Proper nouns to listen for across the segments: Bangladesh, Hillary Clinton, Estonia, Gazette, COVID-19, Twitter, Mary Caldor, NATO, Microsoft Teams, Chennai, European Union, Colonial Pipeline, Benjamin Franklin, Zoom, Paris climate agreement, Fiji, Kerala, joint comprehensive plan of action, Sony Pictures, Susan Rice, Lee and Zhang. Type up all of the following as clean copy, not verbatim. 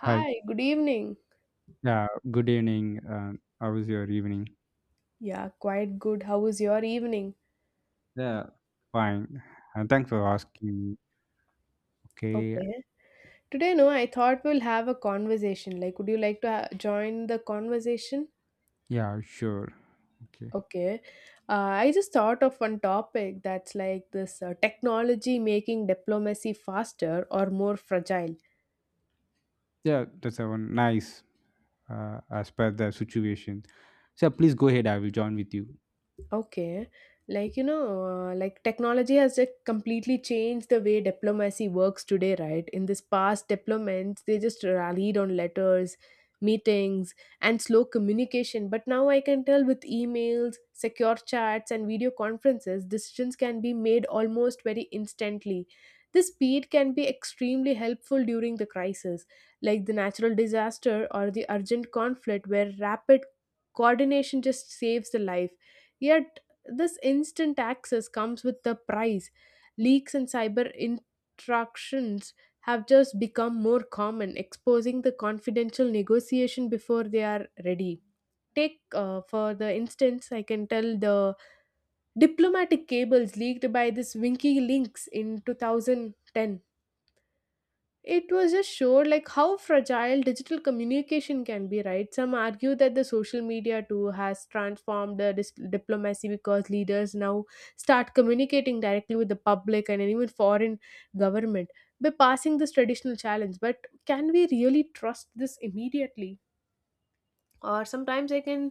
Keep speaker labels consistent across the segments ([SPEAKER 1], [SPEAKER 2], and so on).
[SPEAKER 1] Hi.
[SPEAKER 2] good evening.
[SPEAKER 1] Yeah, good evening. How was your evening?
[SPEAKER 2] Yeah, quite good. How was your evening?
[SPEAKER 1] Yeah, fine. And thanks for asking. Okay.
[SPEAKER 2] Okay. Today, no, I thought we'll have a conversation. Like, would you like to join the conversation?
[SPEAKER 1] Yeah, sure. Okay.
[SPEAKER 2] Okay. I just thought of one topic that's like this technology making diplomacy faster or more fragile.
[SPEAKER 1] Yeah, that's a one nice as per the situation. So please go ahead. I will join with you.
[SPEAKER 2] Okay. Like, you know, like technology has just completely changed the way diplomacy works today, right? In this past diplomats, they just rallied on letters, meetings, and slow communication. But now I can tell with emails, secure chats, and video conferences, decisions can be made almost very instantly. This speed can be extremely helpful during the crisis, like the natural disaster or the urgent conflict, where rapid coordination just saves the life. Yet, this instant access comes with the price. Leaks and cyber interactions have just become more common, exposing the confidential negotiation before they are ready. Take, for the instance, I can tell the diplomatic cables leaked by this Winky Links in 2010. It was just showed like how fragile digital communication can be, right? Some argue that the social media too has transformed the diplomacy because leaders now start communicating directly with the public and even foreign government, by passing this traditional challenge. But can we really trust this immediately? Or sometimes I can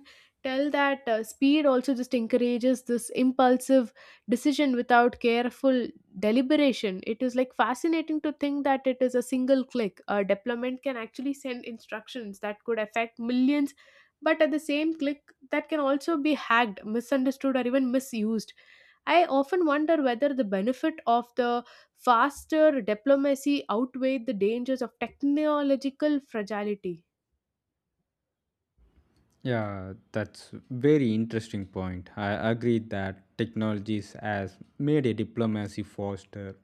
[SPEAKER 2] tell that speed also just encourages this impulsive decision without careful deliberation. It is like fascinating to think that it is a single click, a deployment can actually send instructions that could affect millions, but at the same click that can also be hacked, misunderstood, or even misused. I often wonder whether the benefit of the faster diplomacy outweigh the dangers of technological fragility.
[SPEAKER 1] Yeah, that's very interesting point. I agree that technologies has made a diplomacy faster,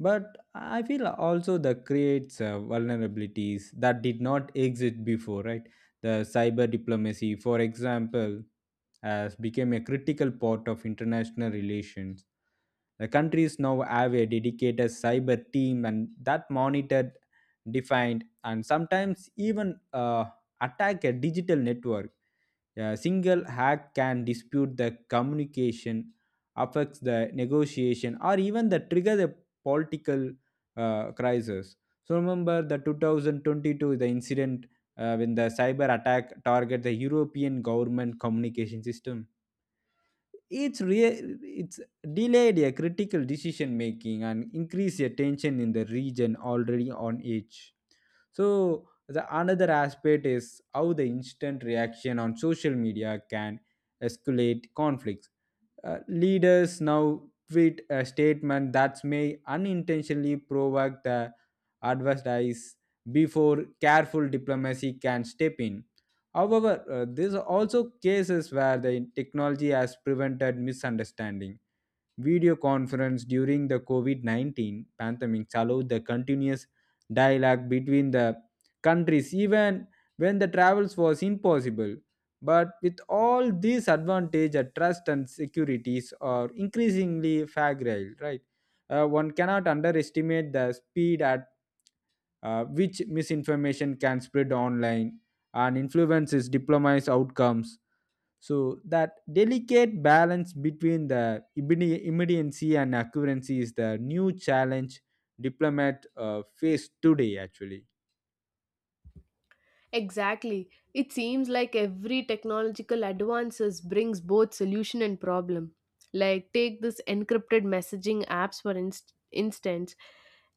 [SPEAKER 1] but I feel also that creates vulnerabilities that did not exist before, right? The cyber diplomacy, for example, has become a critical part of international relations. The countries now have a dedicated cyber team and that monitored, defined, and sometimes even attack a digital network. A single hack can dispute the communication, affects the negotiation, or even the trigger the political crisis. So remember the 2022 the incident when the cyber attack target the European government communication system. It's delayed a critical decision making and increased a tension in the region already on edge. So the another aspect is how the instant reaction on social media can escalate conflicts. Leaders now tweet a statement that may unintentionally provoke the advertise before careful diplomacy can step in. However, there are also cases where the technology has prevented misunderstanding. Video conference during the COVID 19 pandemic allowed the continuous dialogue between the countries even when the travels was impossible. But with all these advantages, trust and securities are increasingly fragile, right? One cannot underestimate the speed at which misinformation can spread online and influences diplomacy outcomes. So that delicate balance between the immediacy and accuracy is the new challenge diplomat face today actually.
[SPEAKER 2] Exactly. It seems like every technological advances brings both solution and problem. Like take this encrypted messaging apps for instance.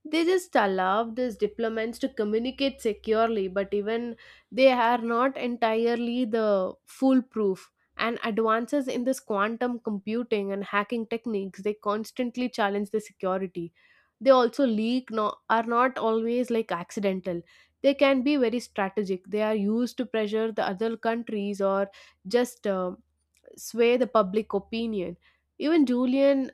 [SPEAKER 2] They just allow these diplomats to communicate securely, but even they are not entirely the foolproof. And advances in this quantum computing and hacking techniques, they constantly challenge the security. They also leak are not always like accidental. They can be very strategic. They are used to pressure the other countries or just sway the public opinion. Even Julian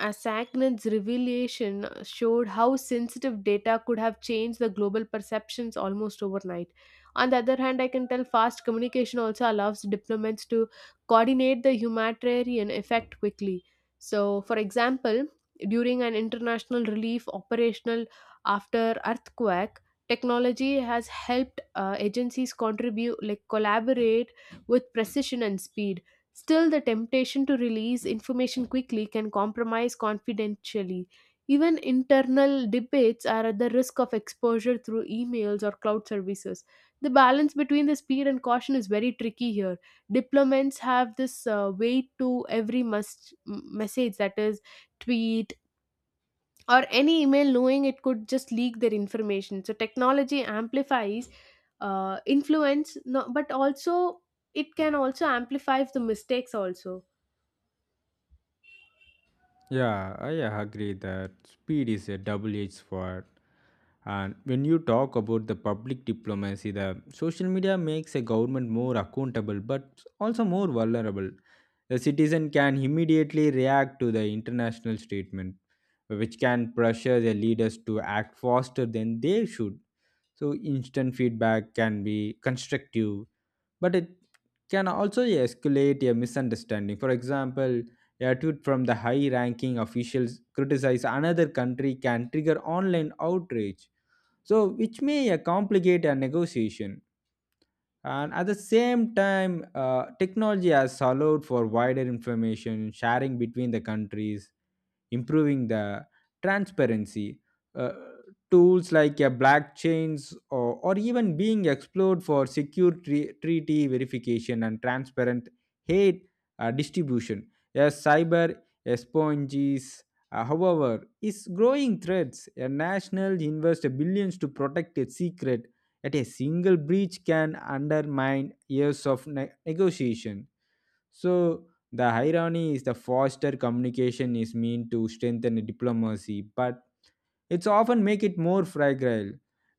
[SPEAKER 2] Asacnet's revelation showed how sensitive data could have changed the global perceptions almost overnight. On the other hand, I can tell fast communication also allows diplomats to coordinate the humanitarian effect quickly. So, for example, during an international relief operational after earthquake, technology has helped agencies contribute, like collaborate with precision and speed. Still, the temptation to release information quickly can compromise confidentially. Even internal debates are at the risk of exposure through emails or cloud services. The balance between the speed and caution is very tricky here. Diplomats have this weight to every must message that is tweet or any email, knowing it could just leak their information. So technology amplifies influence, no, but also it can also amplify the mistakes also.
[SPEAKER 1] Yeah, I agree that speed is a double-edged sword. And when you talk about the public diplomacy, the social media makes a government more accountable but also more vulnerable. The citizen can immediately react to the international statement, which can pressure the leaders to act faster than they should. So instant feedback can be constructive, but it can also escalate a misunderstanding. For example, a tweet from the high ranking officials criticize another country can trigger online outrage, so which may complicate a negotiation. And at the same time, technology has allowed for wider information sharing between the countries, improving the transparency. Uh, Tools like blockchains or even being explored for secure treaty verification and transparent hate distribution. Yes, cyber esponges, however, is growing threats. A national invests billions to protect its secret that a single breach can undermine years of negotiation. So, the irony is the faster communication is meant to strengthen diplomacy, but it's often make it more fragile.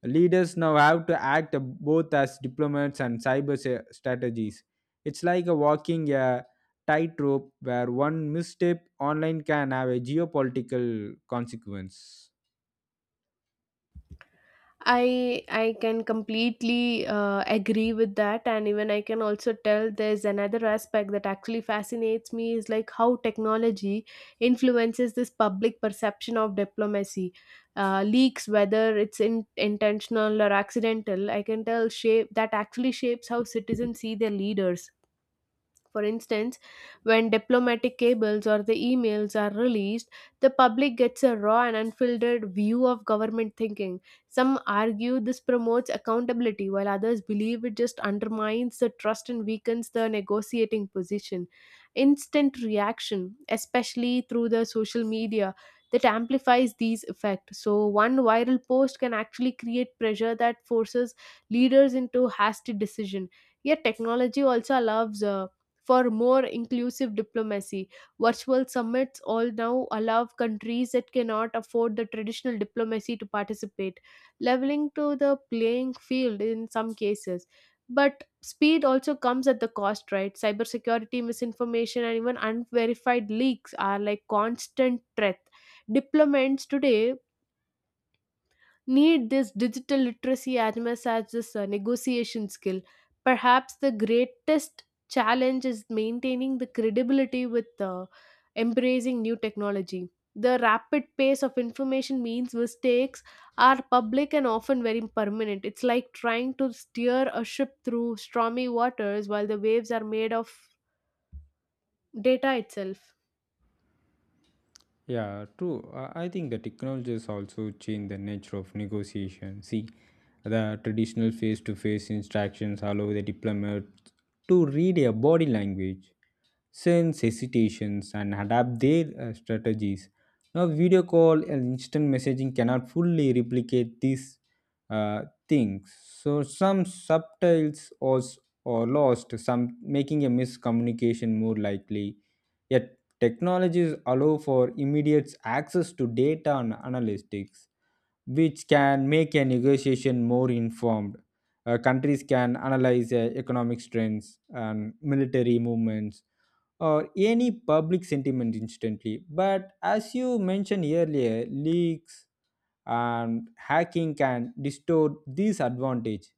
[SPEAKER 1] Leaders now have to act both as diplomats and cyber strategies. It's like a walking a tightrope where one misstep online can have a geopolitical consequence.
[SPEAKER 2] I can completely agree with that, and even I can also tell there's another aspect that actually fascinates me is like how technology influences this public perception of diplomacy. Leaks, whether it's intentional or accidental, I can tell shape that actually shapes how citizens see their leaders. For instance, when diplomatic cables or the emails are released, the public gets a raw and unfiltered view of government thinking. Some argue this promotes accountability, while others believe it just undermines the trust and weakens the negotiating position. Instant reaction, especially through the social media, that amplifies these effects. So, one viral post can actually create pressure that forces leaders into hasty decision. Yet, technology also allows for more inclusive diplomacy. Virtual summits all now allow countries that cannot afford the traditional diplomacy to participate, leveling to the playing field in some cases. But speed also comes at the cost, right? Cybersecurity, misinformation, and even unverified leaks are like constant threat. Diplomats today need this digital literacy as much as this negotiation skill. Perhaps the greatest challenge is maintaining the credibility with embracing new technology. The rapid pace of information means mistakes are public and often very permanent. It's like trying to steer a ship through stormy waters while the waves are made of data itself.
[SPEAKER 1] Yeah, true. I think the technology has also changed the nature of negotiation. See, the traditional face to face interactions allow the diplomat to read a body language, sense hesitations and adapt their strategies. Now, video call and instant messaging cannot fully replicate these things. So, some subtitles was or lost, some making a miscommunication more likely. Yet, technologies allow for immediate access to data and analytics, which can make a negotiation more informed. Countries can analyze economic trends and military movements or any public sentiment instantly. But as you mentioned earlier, leaks and hacking can distort this advantage.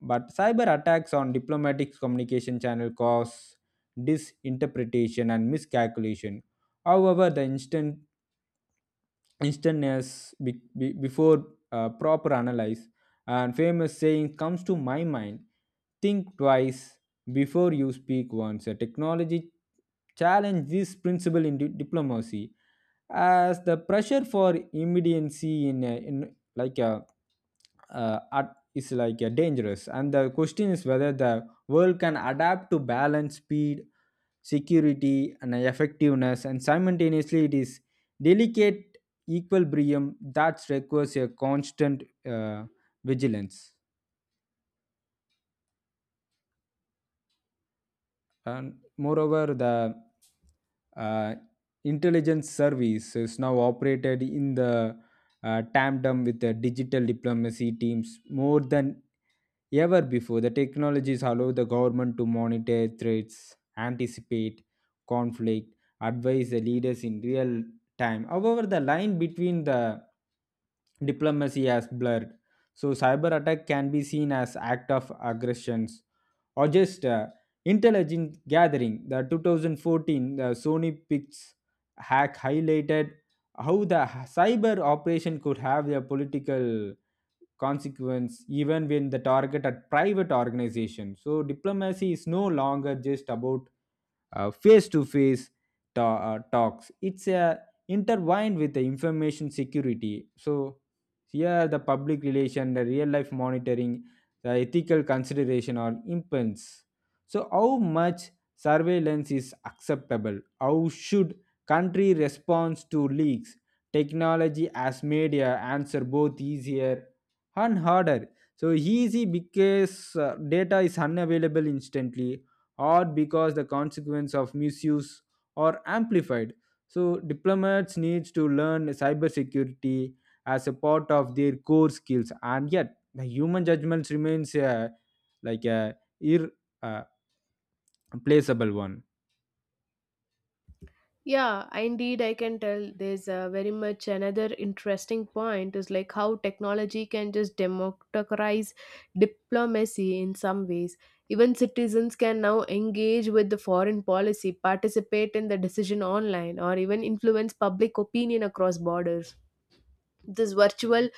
[SPEAKER 1] But cyber attacks on diplomatic communication channel cause disinterpretation and miscalculation. However, the instantaneous before proper analyze and famous saying comes to my mind. Think twice before you speak once a technology challenge this principle in diplomacy as the pressure for immediacy in, a, in like a at, is like a dangerous. And the question is whether the world can adapt to balance speed, security and effectiveness, and simultaneously it is delicate equilibrium that requires a constant vigilance. And moreover, the uh, intelligence service is now operated in the tandem with the digital diplomacy teams more than ever before. The technologies allow the government to monitor threats, anticipate conflict, advise the leaders in real time. However, the line between the diplomacy has blurred, so cyber attack can be seen as act of aggressions or just intelligent gathering. The 2014 the Sony Pix hack highlighted how the cyber operation could have a political consequence even when the target at private organization. So diplomacy is no longer just about face to face talks. It's intertwined with the information security. So here the public relation, the real life monitoring, the ethical consideration or impulse. So how much surveillance is acceptable? How should country responds to leaks? Technology as media answer both easier and harder, so easy because data is unavailable instantly, or because the consequence of misuse are amplified. So diplomats needs to learn cybersecurity as a part of their core skills, and yet the human judgments remains like a irreplaceable one.
[SPEAKER 2] Yeah, indeed, I can tell there's a very much another interesting point is like how technology can just democratize diplomacy in some ways. Even citizens can now engage with the foreign policy, participate in the decision online, or even influence public opinion across borders. This virtual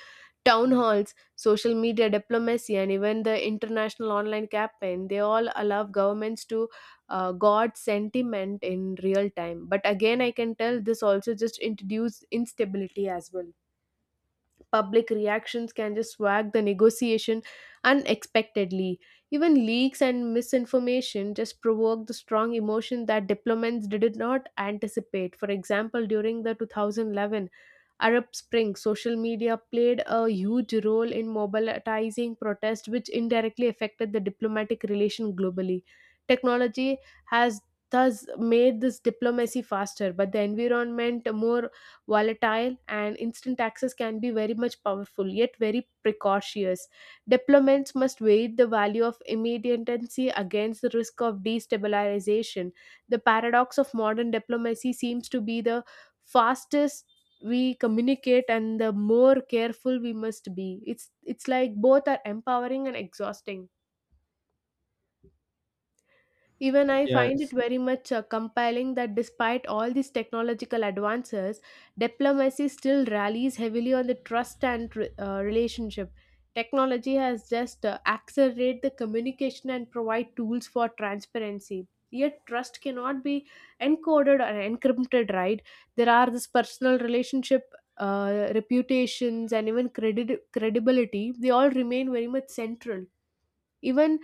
[SPEAKER 2] town halls, social media diplomacy, and even the international online campaign, they all allow governments to guard sentiment in real time. But again, I can tell this also just introduce instability as well. Public reactions can just swag the negotiation unexpectedly. Even leaks and misinformation just provoke the strong emotion that diplomats did not anticipate. For example, during the 2011 Arab Spring, social media played a huge role in mobilizing protest, which indirectly affected the diplomatic relation globally. Technology has thus made this diplomacy faster, but the environment more volatile, and instant access can be very much powerful, yet very precautious. Diplomats must weigh the value of immediacy against the risk of destabilization. The paradox of modern diplomacy seems to be the fastest we communicate and the more careful we must be. It's like both are empowering and exhausting. Even I find
[SPEAKER 1] Yes,
[SPEAKER 2] it very much compelling that despite all these technological advances, diplomacy still rallies heavily on the trust and relationship. Technology has just accelerated the communication and provide tools for transparency. Yet trust cannot be encoded or encrypted, right? There are this personal relationship, reputations, and even credibility. They all remain very much central. Even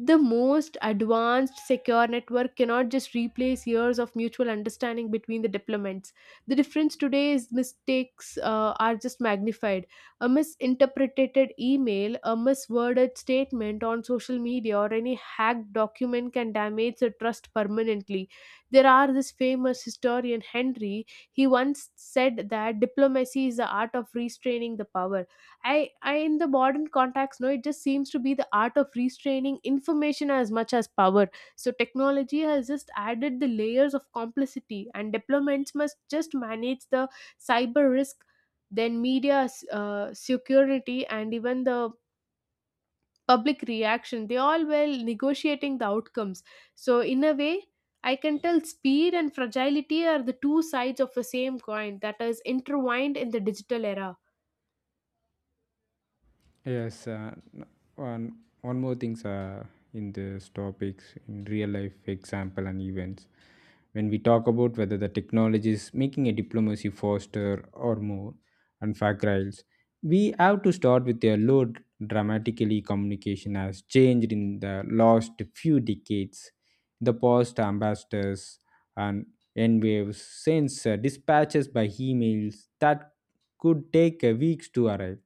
[SPEAKER 2] the most advanced secure network cannot just replace years of mutual understanding between the diplomats. The difference today is mistakes are just magnified. A misinterpreted email, a misworded statement on social media, or any hacked document can damage the trust permanently. There are this famous historian Henry. He once said that diplomacy is the art of restraining the power. I in the modern context, no, it just seems to be the art of restraining information as much as power. So technology has just added the layers of complexity, and deployments must just manage the cyber risk, then media security, and even the public reaction, they all well negotiating the outcomes. So in a way, I can tell speed and fragility are the two sides of the same coin that is intertwined in the digital era.
[SPEAKER 1] yes, uh, one one more things in this topics in real life example and events. When we talk about whether the technology is making a diplomacy faster or more and fragile, we have to start with a low dramatically communication has changed in the last few decades. The past ambassadors and N waves sends dispatches by emails that could take weeks to arrive.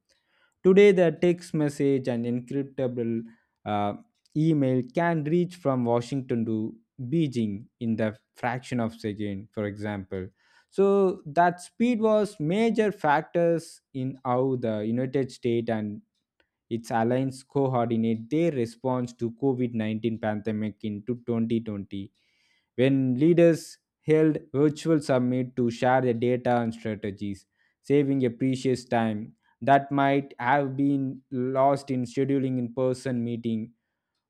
[SPEAKER 1] Today, the text message and encryptable uh, email can reach from Washington to Beijing in the fraction of second, for example. So that speed was major factors in how the United States and its alliance coordinate their response to COVID-19 pandemic into 2020, when leaders held virtual summit to share the data and strategies, saving a precious time that might have been lost in scheduling in-person meeting.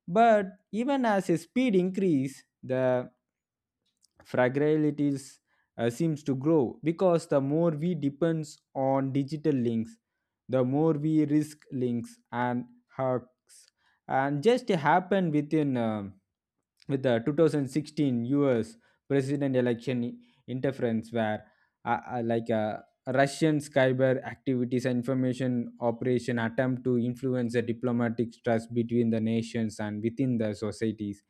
[SPEAKER 1] But even as a speed increase, the fragilities seems to grow because the more we depends on digital links, the more we risk links and hacks. And just happened with the 2016 US president election interference, where uh, uh, like uh, Russian cyber activities and information operation attempt to influence the diplomatic trust between the nations and within the societies.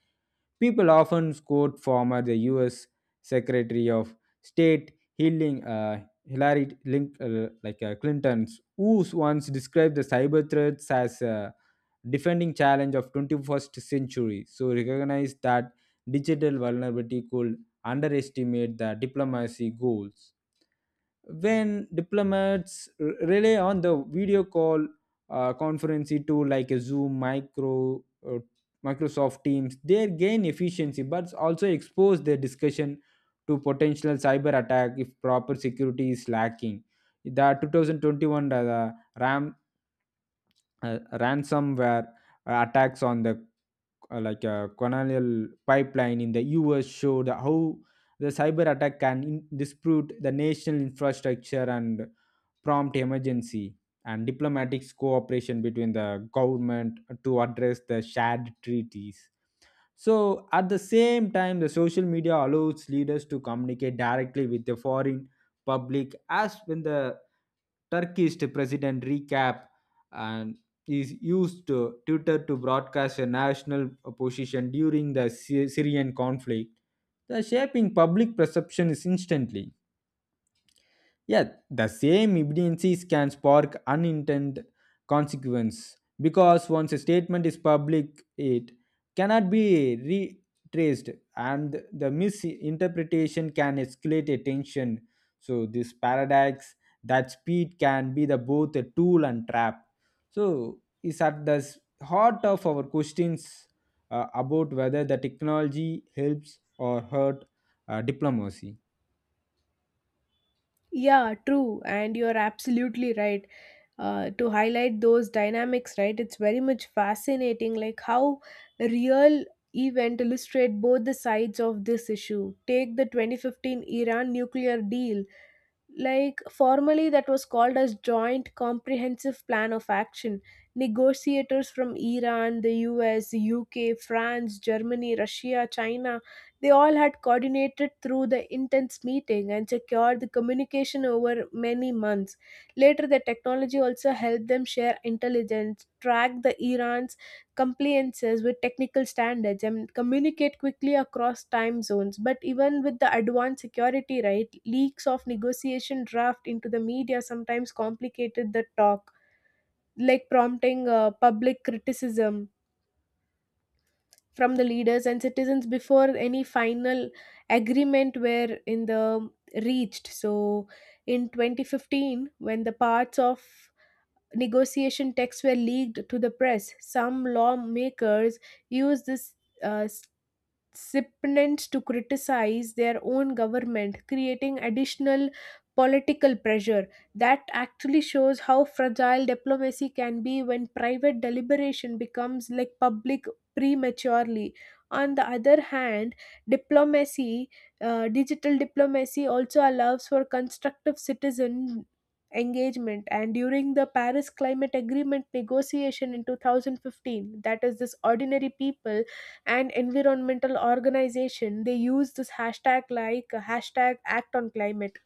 [SPEAKER 1] People often quote former the U.S. Secretary of State Healing Hillary Link, Clinton's, who once described the cyber threats as a defending challenge of 21st century. So recognize that digital vulnerability could underestimate the diplomacy goals when diplomats rely on the video call conferencing tool like a Zoom, Microsoft Teams. They gain efficiency but also expose their discussion to potential cyber attack if proper security is lacking. The 2021 ram ransomware attacks on the like a colonial pipeline in the US showed how the cyber attack can dispute the national infrastructure and prompt emergency and diplomatic cooperation between the government to address the shared treaties. So, at the same time, the social media allows leaders to communicate directly with the foreign public, as when the Turkish president recap and is used to Twitter to broadcast a national position during the Syrian conflict. The shaping public perception is instantly. Yeah, the same evidences can spark unintended consequence because once a statement is public, it cannot be retraced, and the misinterpretation can escalate a tension. So this paradox that speed can be the both a tool and trap. So is at the heart of our questions about whether the technology helps or hurt diplomacy.
[SPEAKER 2] Yeah, true. And you're absolutely right. To highlight those dynamics, right? It's very much fascinating, like how a real event illustrate both the sides of this issue. Take the 2015 Iran nuclear deal, like formally that was called as Joint Comprehensive Plan of Action. Negotiators from Iran, the US, UK, France, Germany, Russia, China, they all had coordinated through the intense meeting and secured the communication over many months later. The technology also helped them share intelligence, track the Iran's compliances with technical standards, and communicate quickly across time zones. But even with the advanced security, right, leaks of negotiation draft into the media sometimes complicated the talk, like prompting public criticism from the leaders and citizens before any final agreement were in the reached. So in 2015, when the parts of negotiation texts were leaked to the press, some lawmakers used this uh, recipients to criticize their own government, creating additional political pressure. That actually shows how fragile diplomacy can be when private deliberation becomes like public prematurely. On the other hand, diplomacy, digital diplomacy also allows for constructive citizen engagement. And during the Paris climate agreement negotiation in 2015, that is this ordinary people and environmental organization, they use this hashtag, like hashtag act on climate,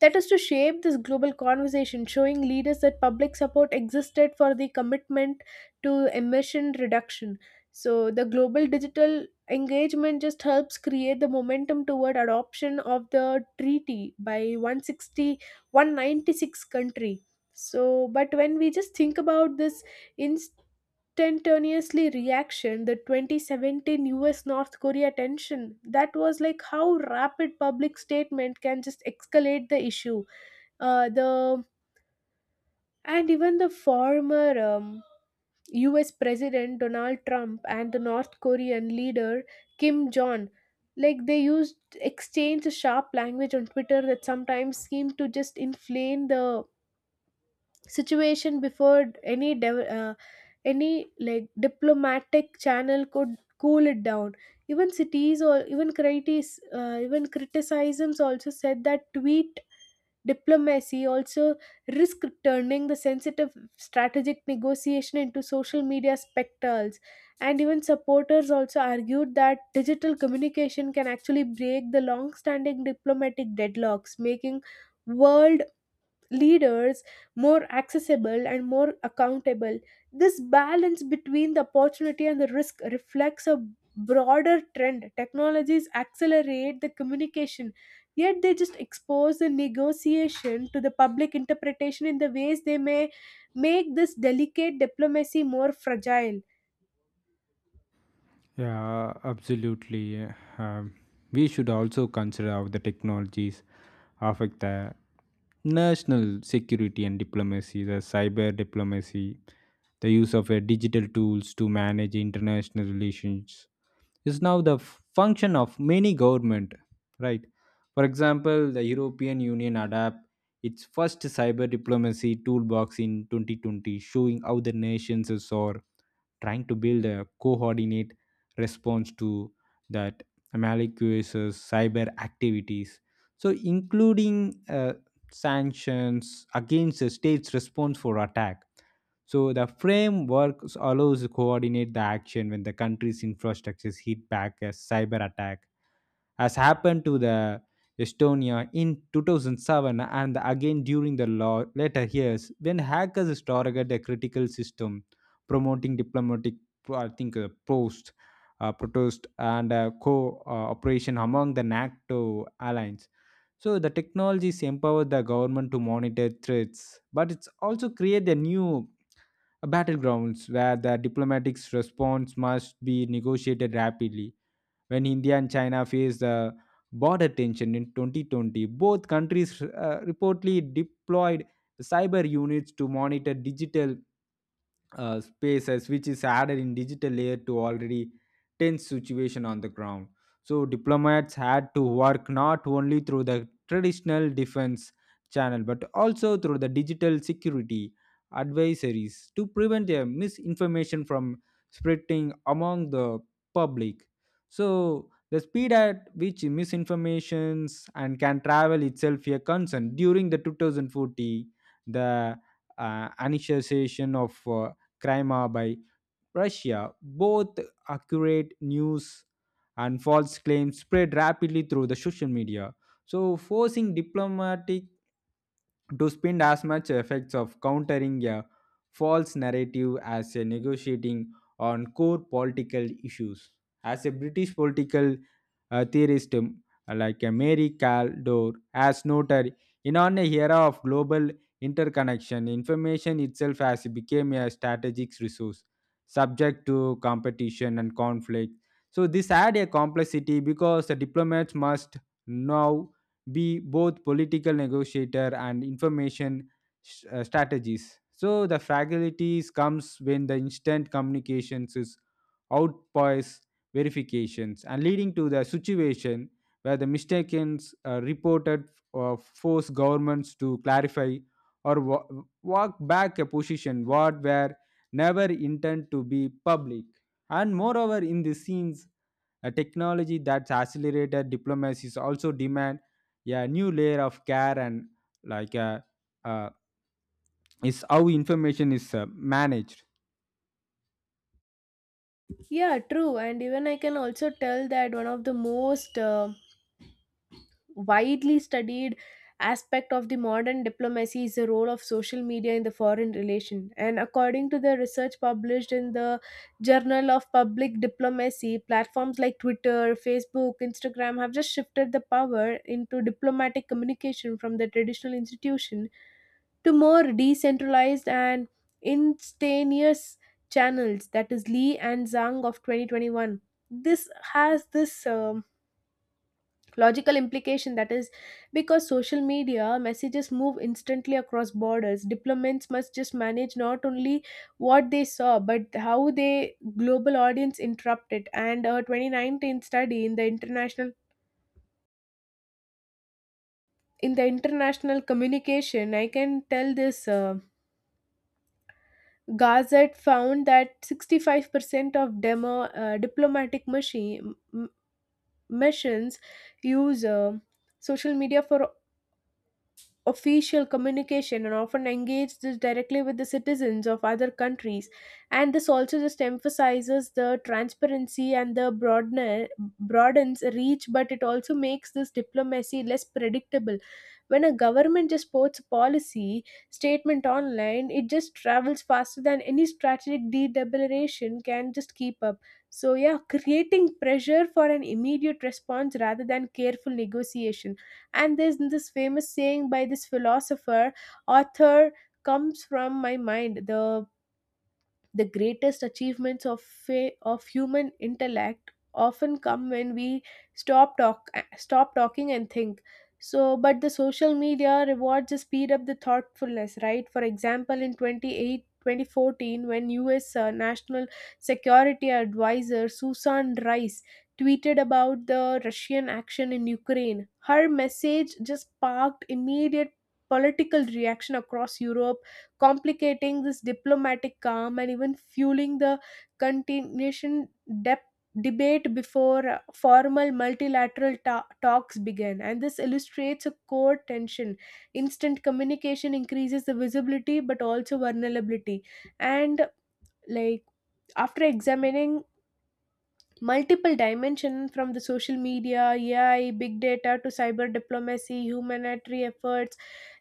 [SPEAKER 2] that is to shape this global conversation, showing leaders that public support existed for the commitment to emission reduction. So the global digital engagement just helps create the momentum toward adoption of the treaty by one hundred sixty one ninety six country. So but when we just think about this in instantaneously reaction, the 2017 US North Korea tension, that was like how rapid public statement can just escalate the issue. Uh, the and even the former US president Donald Trump and the North Korean leader Kim Jong, like they used exchange sharp language on Twitter that sometimes seemed to just inflame the situation before any like diplomatic channel could cool it down. Even cities or even critics, even criticisms also said that tweet diplomacy also risk turning the sensitive strategic negotiation into social media spectacles. And even supporters also argued that digital communication can actually break the long standing diplomatic deadlocks, making world leaders more accessible and more accountable. This balance between the opportunity and the risk reflects a broader trend. Technologies accelerate the communication, yet they just expose the negotiation to the public interpretation in the ways they may make this delicate diplomacy more fragile.
[SPEAKER 1] Yeah, absolutely. Um, we should also consider how the technologies affect the national security and diplomacy, the cyber diplomacy, the use of digital tools to manage international relations, is now the function of many government, right? For example, the European Union adapt its first cyber diplomacy toolbox in 2020, showing how the nations is are trying to build a coordinate response to that malicious cyber activities, so including sanctions against a state's response for attack. So the framework allows coordinate the action when the country's infrastructure is hit back a cyber attack, as happened to the Estonia in 2007 and again during the law later years when hackers targeted a critical system, promoting diplomatic, I think post protest and cooperation among the NATO allies. So the technologies empower the government to monitor threats, but it's also create a new battlegrounds where the diplomatic response must be negotiated rapidly. When India and China faced border tension in 2020, both countries reportedly deployed cyber units to monitor digital spaces, which is added in digital layer to already tense situation on the ground. So diplomats had to work not only through the traditional defense channel but also through the digital security advisories to prevent a misinformation from spreading among the public. So the speed at which misinformations and can travel itself a concern during the 2040 the initiation of Crimea by Russia. Both accurate news and false claims spread rapidly through the social media, so forcing diplomatic to spend as much effects of countering a false narrative as a negotiating on core political issues. As a British political theorist Mary Caldor has noted, in an era of global interconnection, information itself has become a strategic resource subject to competition and conflict. So this had a complexity because the diplomats must now be both political negotiator and information strategies. So the fragilities comes when the instant communications is outpoise verifications and leading to the situation where the mistakes reported force governments to clarify or walk back a position what were never intended to be public. And moreover, in the scenes a technology that's accelerated diplomacy is also demand a new layer of care and like uh, uh, is how information is managed.
[SPEAKER 2] Yeah, true. And even I can also tell that one of the most widely studied aspect of the modern diplomacy is the role of social media in the foreign relation. And according to the research published in the Journal of Public Diplomacy, platforms like Twitter, Facebook, Instagram have just shifted the power into diplomatic communication from the traditional institution to more decentralized and instantaneous channels, that is Lee and Zhang of 2021. This has this logical implication, that is, because social media messages move instantly across borders, diplomats must just manage not only what they saw but how they global audience interrupt it. And a 2019 study in the international communication, I can tell this. Gazette found that 65% of diplomatic missions use social media for official communication and often engage this directly with the citizens of other countries. And this also just emphasizes the transparency and the broadens reach, but it also makes this diplomacy less predictable. When a government just posts a policy statement online, it just travels faster than any strategic deliberation can just keep up. So yeah, creating pressure for an immediate response rather than careful negotiation. And there's this famous saying by this philosopher, author, comes from my mind. The greatest achievements of human intellect often come when we stop talk stop talking and think. So but the social media rewards just speed up the thoughtfulness, right? For example, in 28 2014, when US national security advisor Susan Rice tweeted about the Russian action in Ukraine, her message just sparked immediate political reaction across Europe, complicating this diplomatic calm and even fueling the continuation dep- debate before formal multilateral talks began. And this illustrates a core tension. Instant communication increases the visibility but also vulnerability. And like after examining multiple dimension from the social media, AI, big data, to cyber diplomacy, humanitarian efforts,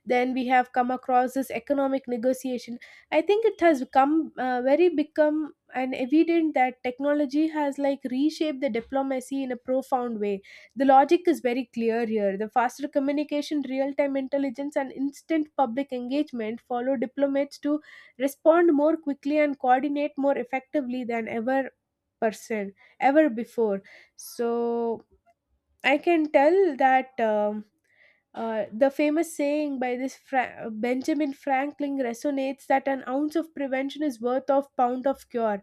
[SPEAKER 2] then we have come across this economic negotiation. I think it has come very become an evident that technology has like reshaped the diplomacy in a profound way. The logic is very clear here. The faster communication, real time intelligence, and instant public engagement follow diplomats to respond more quickly and coordinate more effectively than person ever before. So I can tell that the famous saying by this Benjamin Franklin resonates that an ounce of prevention is worth of pound of cure.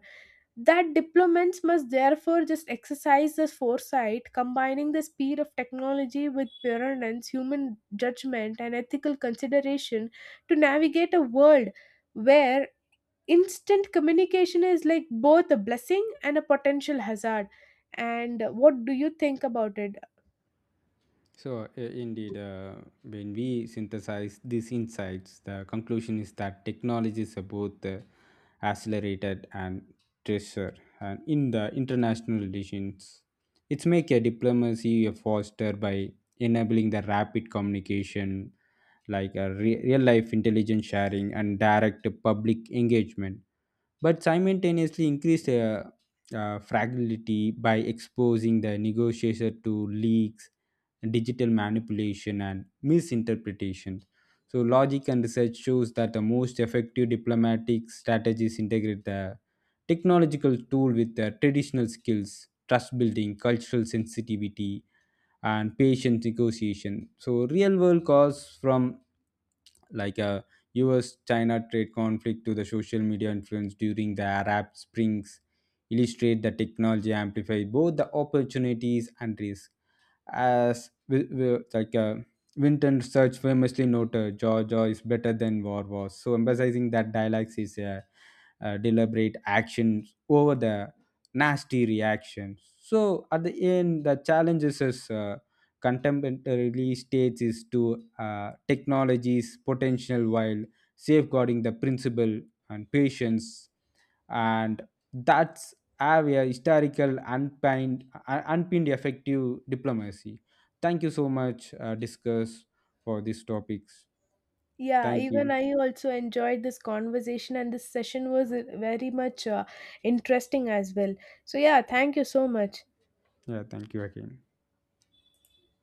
[SPEAKER 2] That diplomats must therefore just exercise this foresight, combining the speed of technology with prudence, human judgment, and ethical consideration to navigate a world where instant communication is like both a blessing and a potential hazard. And what do you think about it?
[SPEAKER 1] So, indeed, when we synthesize these insights, the conclusion is that technologies are both accelerated and treasure. And in the international relations, it's make a diplomacy a foster by enabling the rapid communication, like a real life intelligence sharing and direct public engagement, but simultaneously increase fragility by exposing the negotiator to leaks, digital manipulation, and misinterpretation. So, logic and research shows that the most effective diplomatic strategies integrate the technological tool with the traditional skills, trust building, cultural sensitivity, and patient negotiation. So real world cause from like a US China trade conflict to the social media influence during the Arab Springs illustrate the technology amplify both the opportunities and risks. As Winton Research famously noted, Georgia is better than war was. So emphasizing that dialects is a, uh, deliberate actions over the nasty reactions. So at the end, the challenges is contemporary states is to technology's potential while safeguarding the principle and patience and that have a historical unpinned, unpinned effective diplomacy. Thank you so much, discuss for these topics.
[SPEAKER 2] Yeah,
[SPEAKER 1] Thank
[SPEAKER 2] even
[SPEAKER 1] you.
[SPEAKER 2] I also enjoyed this conversation, and this session was very much interesting as well. So yeah, thank you so much.
[SPEAKER 1] Yeah, thank you again.